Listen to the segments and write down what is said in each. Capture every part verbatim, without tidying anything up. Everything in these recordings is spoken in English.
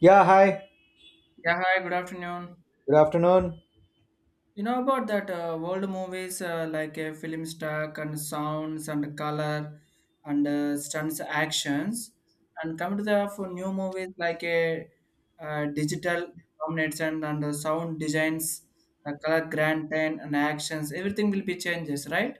Yeah, hi. Yeah, hi, good afternoon. Good afternoon. You know about that uh, world movies uh, like uh, film stock and sounds and color and uh, stunts actions and come to the for new movies like a uh, uh, digital domination and uh, sound designs, the color granted and actions, everything will be changes, right?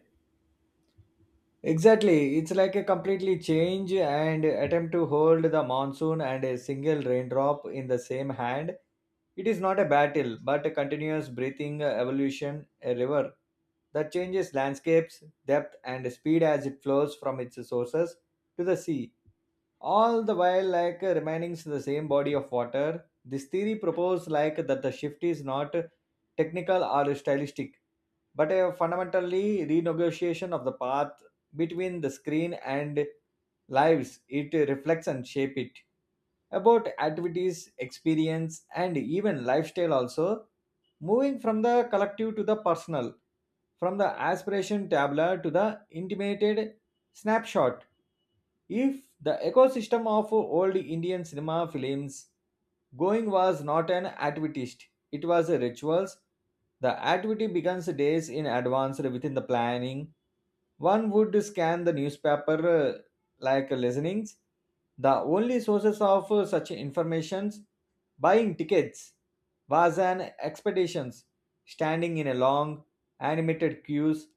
Exactly. It's like a completely change and attempt to hold the monsoon and a single raindrop in the same hand. It is not a battle, but a continuous breathing evolution, a river that changes landscapes, depth, and speed as it flows from its sources to the sea. All the while like uh, remaining the same body of water. This theory proposed like that the shift is not technical or stylistic, but a fundamentally renegotiation of the path between the screen and lives it reflects and shape it, about activities experience and even lifestyle also, moving from the collective to the personal, from the aspiration tabla to the intimated snapshot. If the ecosystem of old Indian cinema, films going was not an activist, it was a rituals. The activity begins days in advance within the planning. One would scan the newspaper uh, like listenings. The only sources of uh, such informations, buying tickets, was an expeditions, standing in a long animated queues,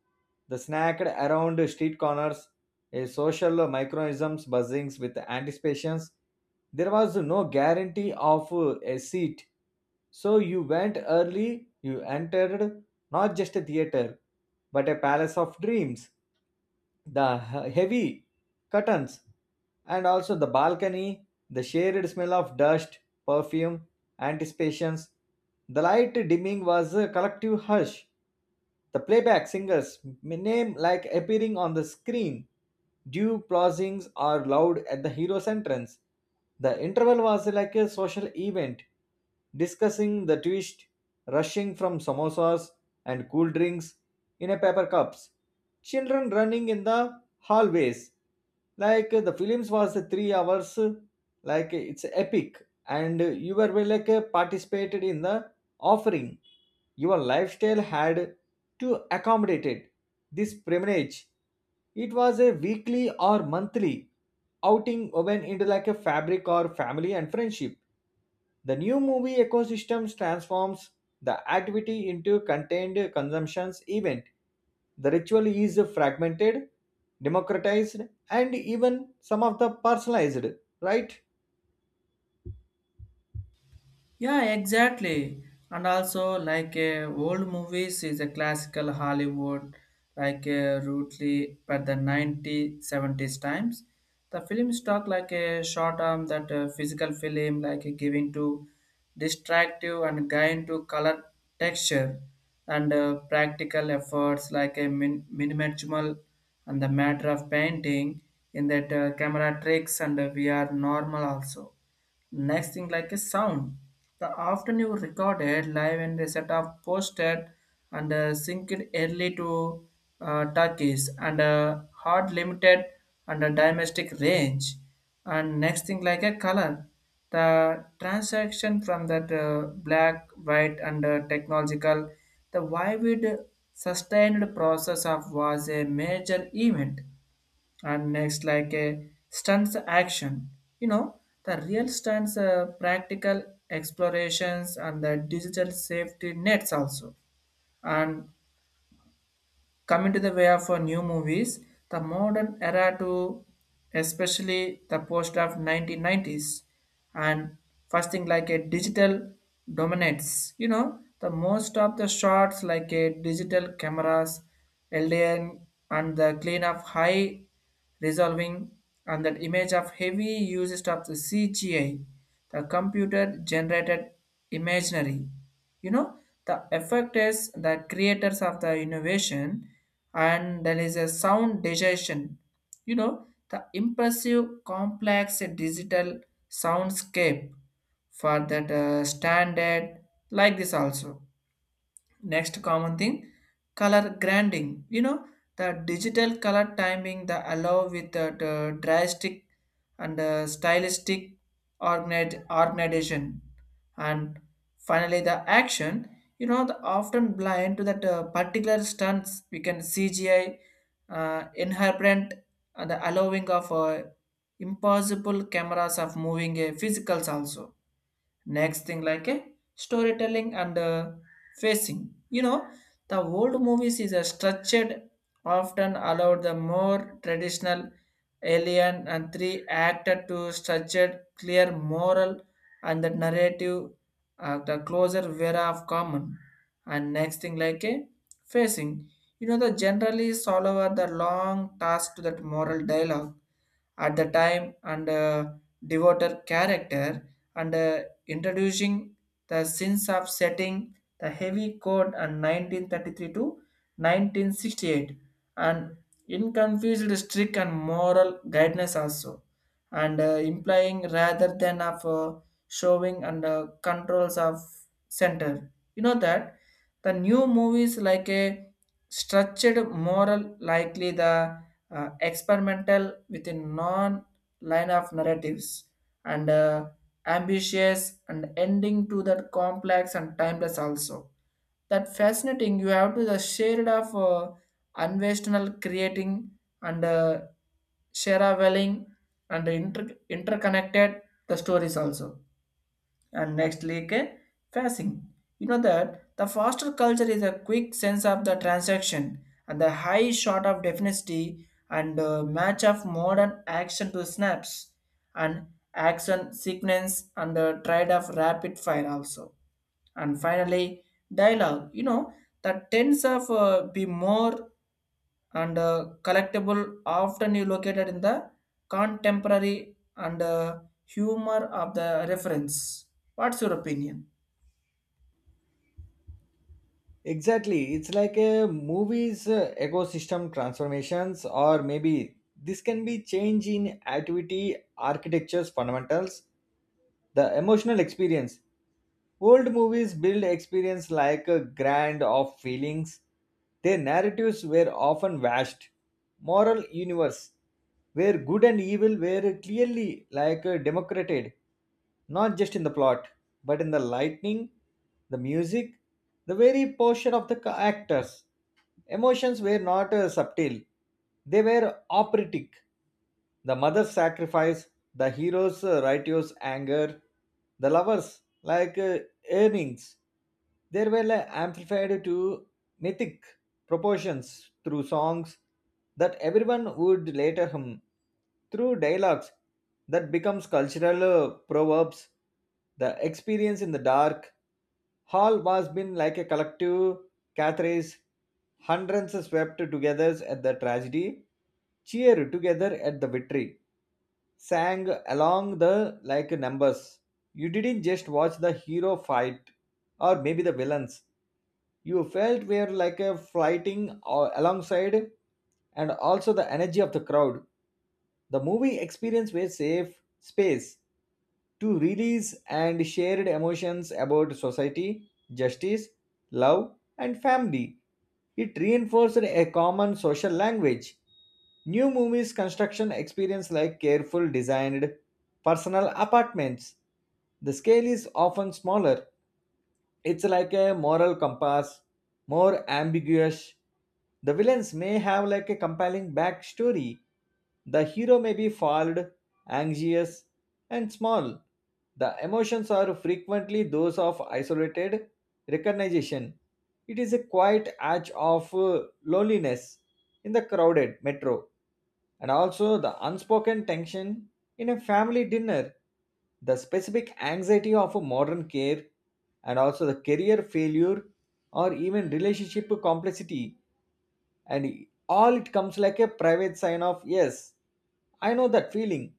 the snacked around street corners, a social microisms buzzings with anticipations. There was no guarantee of uh, a seat. So you went early, you entered not just a theater, but a palace of dreams, the he- heavy curtains and also the balcony, the shared smell of dust, perfume, anticipations, the light dimming was a collective hush, the playback singers name like appearing on the screen, due pausings are loud at the hero's entrance. The interval was like a social event, discussing the twist, rushing from samosas and cool drinks in a paper cups, children running in the hallways. Like the films was three hours, like it's epic and you were, well, like participated in the offering. Your lifestyle had to accommodate it. This pilgrimage, it was a weekly or monthly outing, went into like a fabric or family and friendship. The new movie ecosystem transforms the activity into contained consumptions event. The ritual is fragmented, democratized, and even some of the personalized, right? Yeah, exactly. And also, like uh, old movies is a classical Hollywood, like uh, rudely but the ninety, times. The film stuck like a short arm that uh, physical film, like uh, giving to distractive and guide to color texture and uh, practical efforts like a min- minimal and the matter of painting in that uh, camera tricks and uh, V R normal also. Next thing like a sound. The afternoon recorded live and a set of posted and uh, synced early to uh, Turkish and uh, hard limited and a domestic range. And next thing like a color. The transaction from that uh, black, white and uh, technological, the vivid sustained process of was a major event. And next like a stunts action, you know, the real stunts uh, practical explorations and the digital safety nets also. And coming to the way of uh, new movies, the modern era to especially the post of nineteen nineties. And first thing like a digital dominates. You know, the most of the shots like a digital cameras, L D N and the clean of high resolving, and that image of heavy usage of the C G I, the computer generated imaginary, you know, the effect is the creators of the innovation. And there is a sound digestion, you know, the impressive complex digital soundscape for that uh, standard like this also. Next common thing, color grinding. You know, the digital color timing, the allow with the, the drastic and uh, stylistic organi- organization. And finally, the action, you know, the often blind to that uh, particular stunts. We can C G I uh, inherent and the allowing of uh, impossible cameras of moving uh, physicals also. Next thing like a storytelling and uh, facing, you know, the old movies is a structured often allowed the more traditional alien and three acted to structured clear moral and the narrative, uh, the closer vera of common. And next thing like a facing, you know, the generally solver the long task to that moral dialogue at the time and uh, devoted character and uh, introducing the sins of setting the heavy code and nineteen thirty-three to nineteen sixty-eight and inconfused strict and moral guidance also and uh, implying rather than of uh, showing and uh, controls of center, you know that the new movies like a structured moral likely the uh, experimental with a non line of narratives and uh, ambitious and ending to that complex and timeless also, that fascinating you have to the shade of uh, unvestional creating and uh, sharawelling and inter- interconnected the stories also. And next like a phasing, you know that the faster culture is a quick sense of the transaction and the high shot of definity and uh, match of modern action to snaps and action sequence and the trade of rapid fire also. And finally dialogue, you know that tends of uh, be more and uh, collectible, often you located in the contemporary and uh, humor of the reference. What's your opinion? Exactly. It's like a movie's uh, ecosystem transformations, or maybe this can be change in activity, architecture's fundamentals, the emotional experience. Old movies build experience like a grand of feelings. Their narratives were often vast, moral universe, where good and evil were clearly like uh, democrated, not just in the plot, but in the lightning, the music, the very posture of the ca- actors. Emotions were not uh, subtle; they were operatic. The mother's sacrifice, the hero's uh, righteous anger, the lovers like uh, earnings, they were, like, amplified to mythic proportions through songs that everyone would later hum, through dialogues that becomes cultural uh, proverbs. The experience in the dark hall was been like a collective Cathra's, hundreds swept together at the tragedy, cheered together at the victory, sang along the like numbers. You didn't just watch the hero fight, or maybe the villains. You felt were like a fighting uh, alongside, and also the energy of the crowd. The movie experience were safe space to release and shared emotions about society, justice, love, and family. It reinforced a common social language. New movies construction experience like careful designed personal apartments. The scale is often smaller, it's like a moral compass, more ambiguous. The villains may have like a compelling backstory. The hero may be flawed, anxious, and small. The emotions are frequently those of isolated recognition. It is a quiet act of uh, loneliness in the crowded metro, and also the unspoken tension in a family dinner, the specific anxiety of a modern care, and also the career failure or even relationship complexity, and all it comes like a private sign of yes, I know that feeling.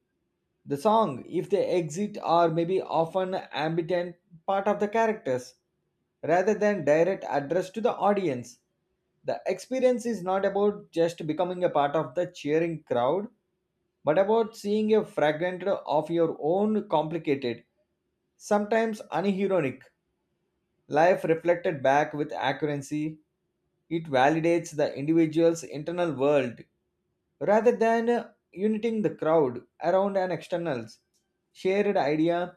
The song, if they exit, are maybe often ambient part of the characters rather than direct address to the audience. The experience is not about just becoming a part of the cheering crowd, but about seeing a fragment of your own complicated, sometimes unironic life reflected back with accuracy. It validates the individual's internal world rather than uh, uniting the crowd around an externals shared idea.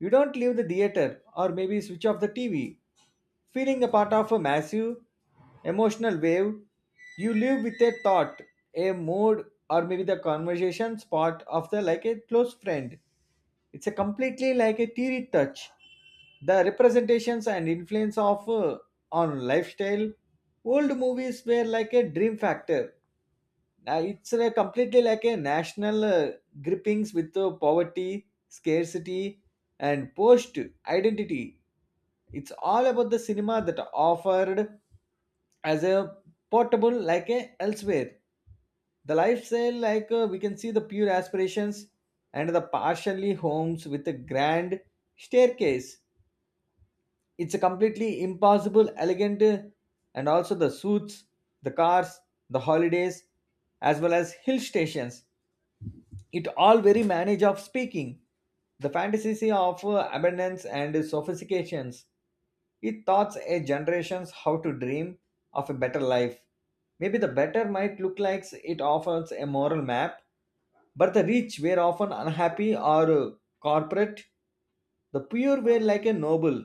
You don't leave the theater or maybe switch off the tv feeling a part of a massive emotional wave. You live with a thought, a mood, or maybe the conversation spot of the like a close friend. It's a completely like a theory touch, the representations and influence of uh, on lifestyle. Old movies were like a dream factor, uh, it's uh, completely like a national uh, grippings with uh, poverty, scarcity, and post identity. It's all about the cinema that offered as a portable like a elsewhere. The lifestyle like uh, we can see the pure aspirations and the partially homes with a grand staircase. It's a completely impossible, elegant, uh, and also the suits, the cars, the holidays, as well as hill stations. It all very manage of speaking the fantasy of uh, abundance and sophistications. It taught a generations how to dream of a better life, maybe the better might look like. It offers a moral map, but the rich were often unhappy or uh, corporate. The pure were like a noble,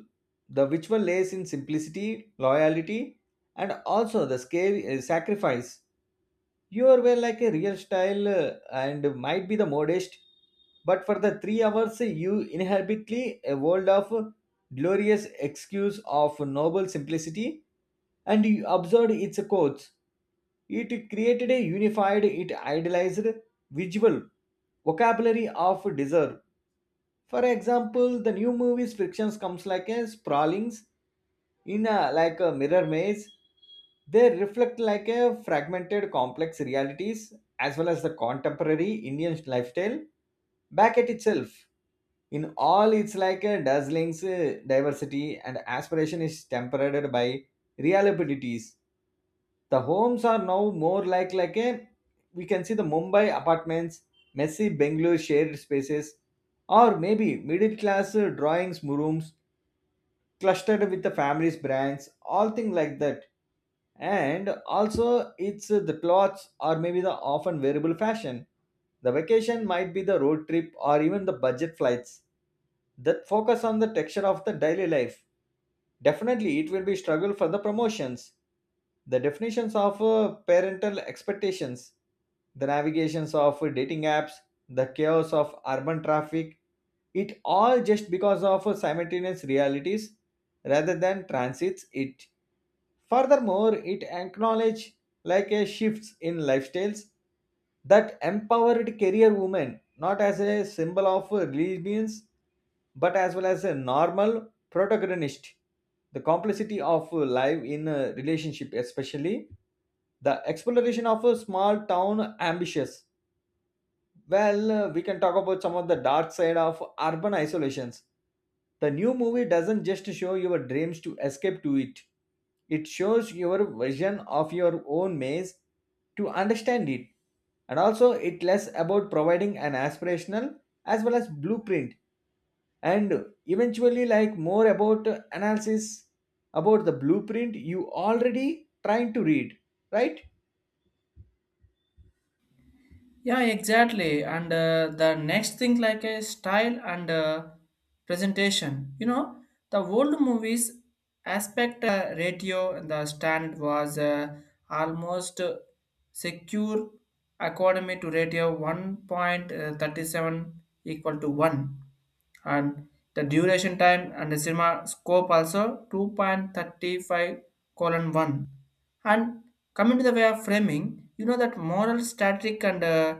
the which one lays in simplicity loyalty, and also the scare, uh, sacrifice. Your were like a real style uh, and might be the modest, but for the three hours you inhabitly a world of glorious excuse of noble simplicity, and you observed its codes. It created a unified, it idealized visual vocabulary of desire. For example, the new movies frictions comes like a sprawlings in a like a mirror maze. They reflect like a fragmented complex realities, as well as the contemporary Indian lifestyle back at itself. In all, it's like a dazzling uh, diversity and aspiration is tempered by reliabilities. The homes are now more like like a, we can see the Mumbai apartments, messy Bengaluru shared spaces, or maybe middle class uh, drawings rooms clustered with the family's brands, all things like that. And also it's, uh, the clothes or maybe the often wearable fashion, the vacation might be the road trip or even the budget flights that focus on the texture of the daily life. Definitely, it will be struggle for the promotions, the definitions of uh, parental expectations, the navigations of uh, dating apps, the chaos of urban traffic. It all just because of uh, simultaneous realities rather than transits it. Furthermore, it acknowledges like a shifts in lifestyles that empowered career women not as a symbol of religions, but as well as a normal protagonist. The complexity of life in a relationship, especially the exploration of a small town ambitious, well, uh, we can talk about some of the dark side of urban isolations. The new movie doesn't just show your dreams to escape to it. It shows your vision of your own maze to understand it. And also it less about providing an aspirational as well as blueprint, and eventually like more about analysis about the blueprint you already trying to read, right? Yeah, exactly. And uh, the next thing, like a style and uh, presentation. You know, the old movies aspect uh, ratio and the stand was uh, almost secure according to ratio one point three seven equal to one, and the duration time and the cinema scope also two point three five colon one. And coming to the way of framing, you know that moral static and uh,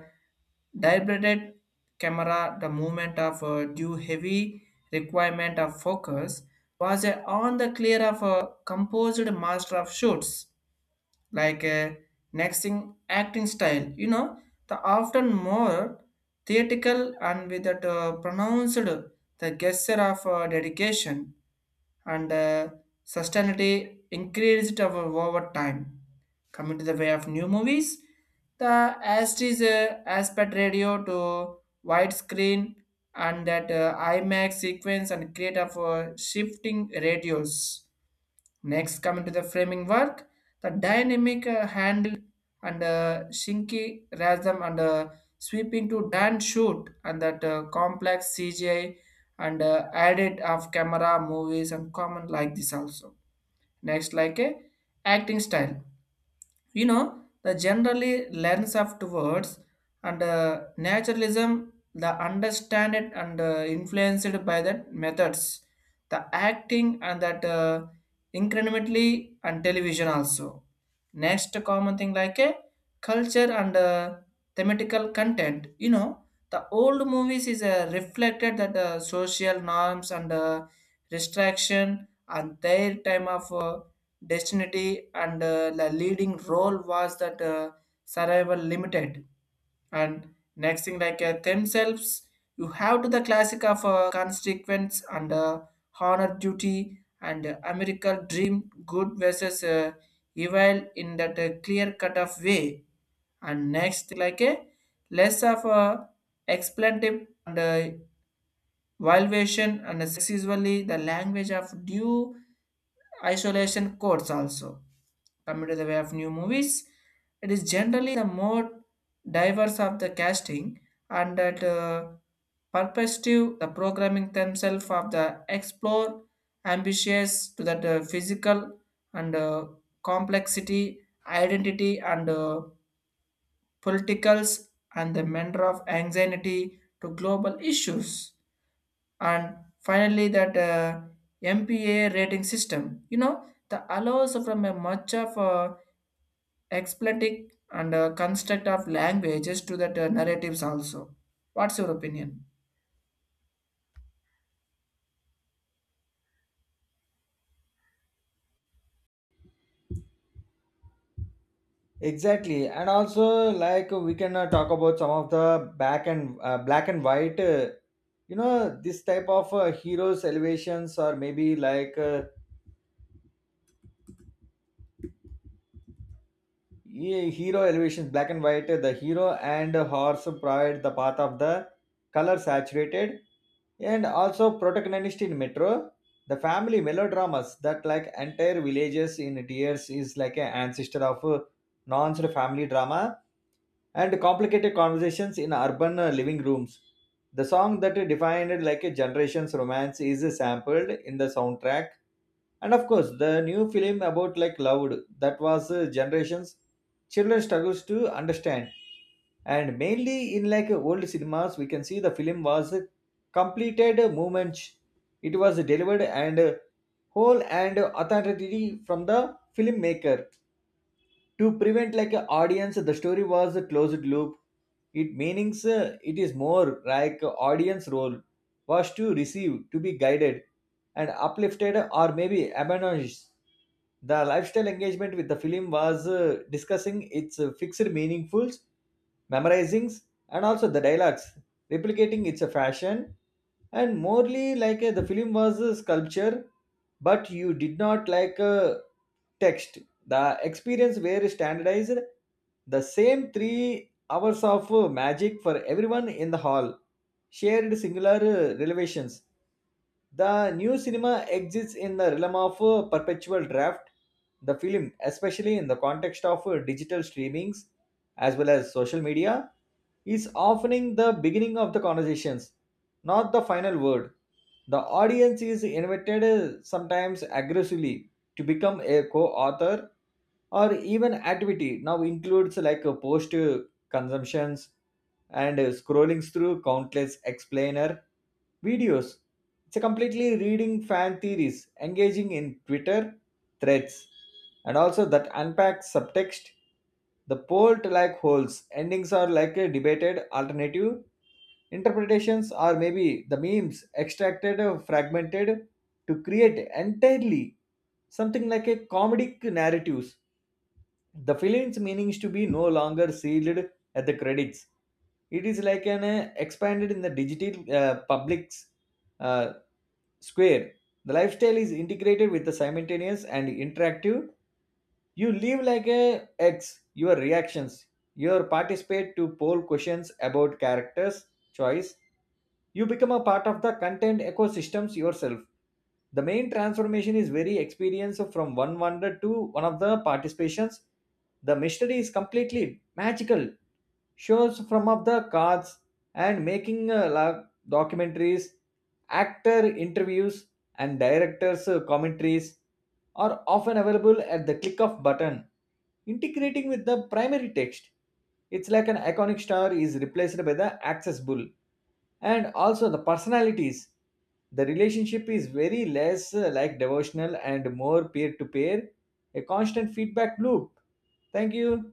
deliberate camera, the movement of uh, due heavy requirement of focus was uh, on the clear of a composed master of shoots like uh, next thing, acting style, you know, the often more theatrical and with that uh, pronounced the gesture of uh, dedication and uh, sustainability increased over, over time. Coming to the way of new movies, the Astis uh, aspect radio to widescreen and that uh, IMAX sequence and create of uh, shifting radios. Next, coming to the framing work, the dynamic uh, handle and uh, Shinki Rasm and uh, sweeping to Dan shoot and that uh, complex C G I and uh, added of camera movies and common like this also. Next, like a acting style, you know, the generally lens of towards and uh, naturalism the understand it and uh, influenced by that methods the acting and that uh, incrementally and television also. Next common thing like a culture and uh, thematical content, you know, the old movies is uh, reflected that uh, social norms and uh, restriction and their time of uh, destiny and uh, the leading role was that uh, survival limited. And next thing like uh, themselves, you have to the classic of uh, consequence and uh, honor duty and uh, american dream good versus uh, evil in that uh, clear cut of way. And next like a less of a explanative and uh, Valuation and sex is usually the language of due isolation codes also. Coming to the way of new movies, it is generally the more diverse of the casting and that uh, perspective, the programming themselves of the explore ambitious to that uh, physical and uh, complexity, identity and uh, politicals and the matter of anxiety to global issues. And finally that uh, M P A rating system. You know, the allows from a much of uh, expletive and uh, construct of languages to that uh, narratives also. What's your opinion? Exactly, and also like we can uh, talk about some of the back and uh, black and white. Uh, you know, this type of uh, heroes elevations or maybe like uh, Ye- hero elevations, black and white, the hero and horse provide the path of the color saturated and also protagonist in metro. The family melodramas that like entire villages in tears is like an ancestor of uh, non family drama and complicated conversations in urban uh, living rooms. The song that defined like a generation's romance is sampled in the soundtrack, and of course the new film about like loud that was uh, generations children struggles to understand. And mainly in like old cinemas, we can see the film was completed movement. It was delivered and whole, and authority from the filmmaker to prevent like an audience, the story was a closed loop. It meanings, uh, it is more like a audience role was to receive, to be guided and uplifted, or maybe admonished. The lifestyle engagement with the film was uh, discussing its uh, fixed meaningfuls, memorizings, and also the dialogues, replicating its uh, fashion. And morely like uh, the film was a sculpture, but you did not like a text. The experience were standardized, the same three hours of uh, magic for everyone in the hall, shared singular uh, revelations. The new cinema exists in the realm of uh, perpetual draft. The film, especially in the context of uh, digital streamings as well as social media, is offering the beginning of the conversations, not the final word. The audience is invited, uh, sometimes aggressively, to become a co-author, or even activity now includes like a post uh, consumptions and uh, scrolling through countless explainer videos. It's a completely reading fan theories, engaging in Twitter threads, and also that unpacks subtext. The poll like holds endings are like a debated alternative interpretations, are maybe the memes extracted or fragmented to create entirely something like a comedic narratives. The film's meanings to be no longer sealed at the credits. It is like an uh, expanded in the digital uh, public's uh, square. The lifestyle is integrated with the simultaneous and interactive. You live like a x your reactions, you participate to poll questions about characters choice, you become a part of the content ecosystems yourself. The main transformation is very experience from one wonder to one of the participations. The mystery is completely magical. Shows from of the cards and making uh, la- documentaries, actor interviews, and directors' uh, commentaries are often available at the click of button, integrating with the primary text. It's like an iconic star is replaced by the accessible and also the personalities. The relationship is very less uh, like devotional and more peer to peer, a constant feedback loop. Thank you.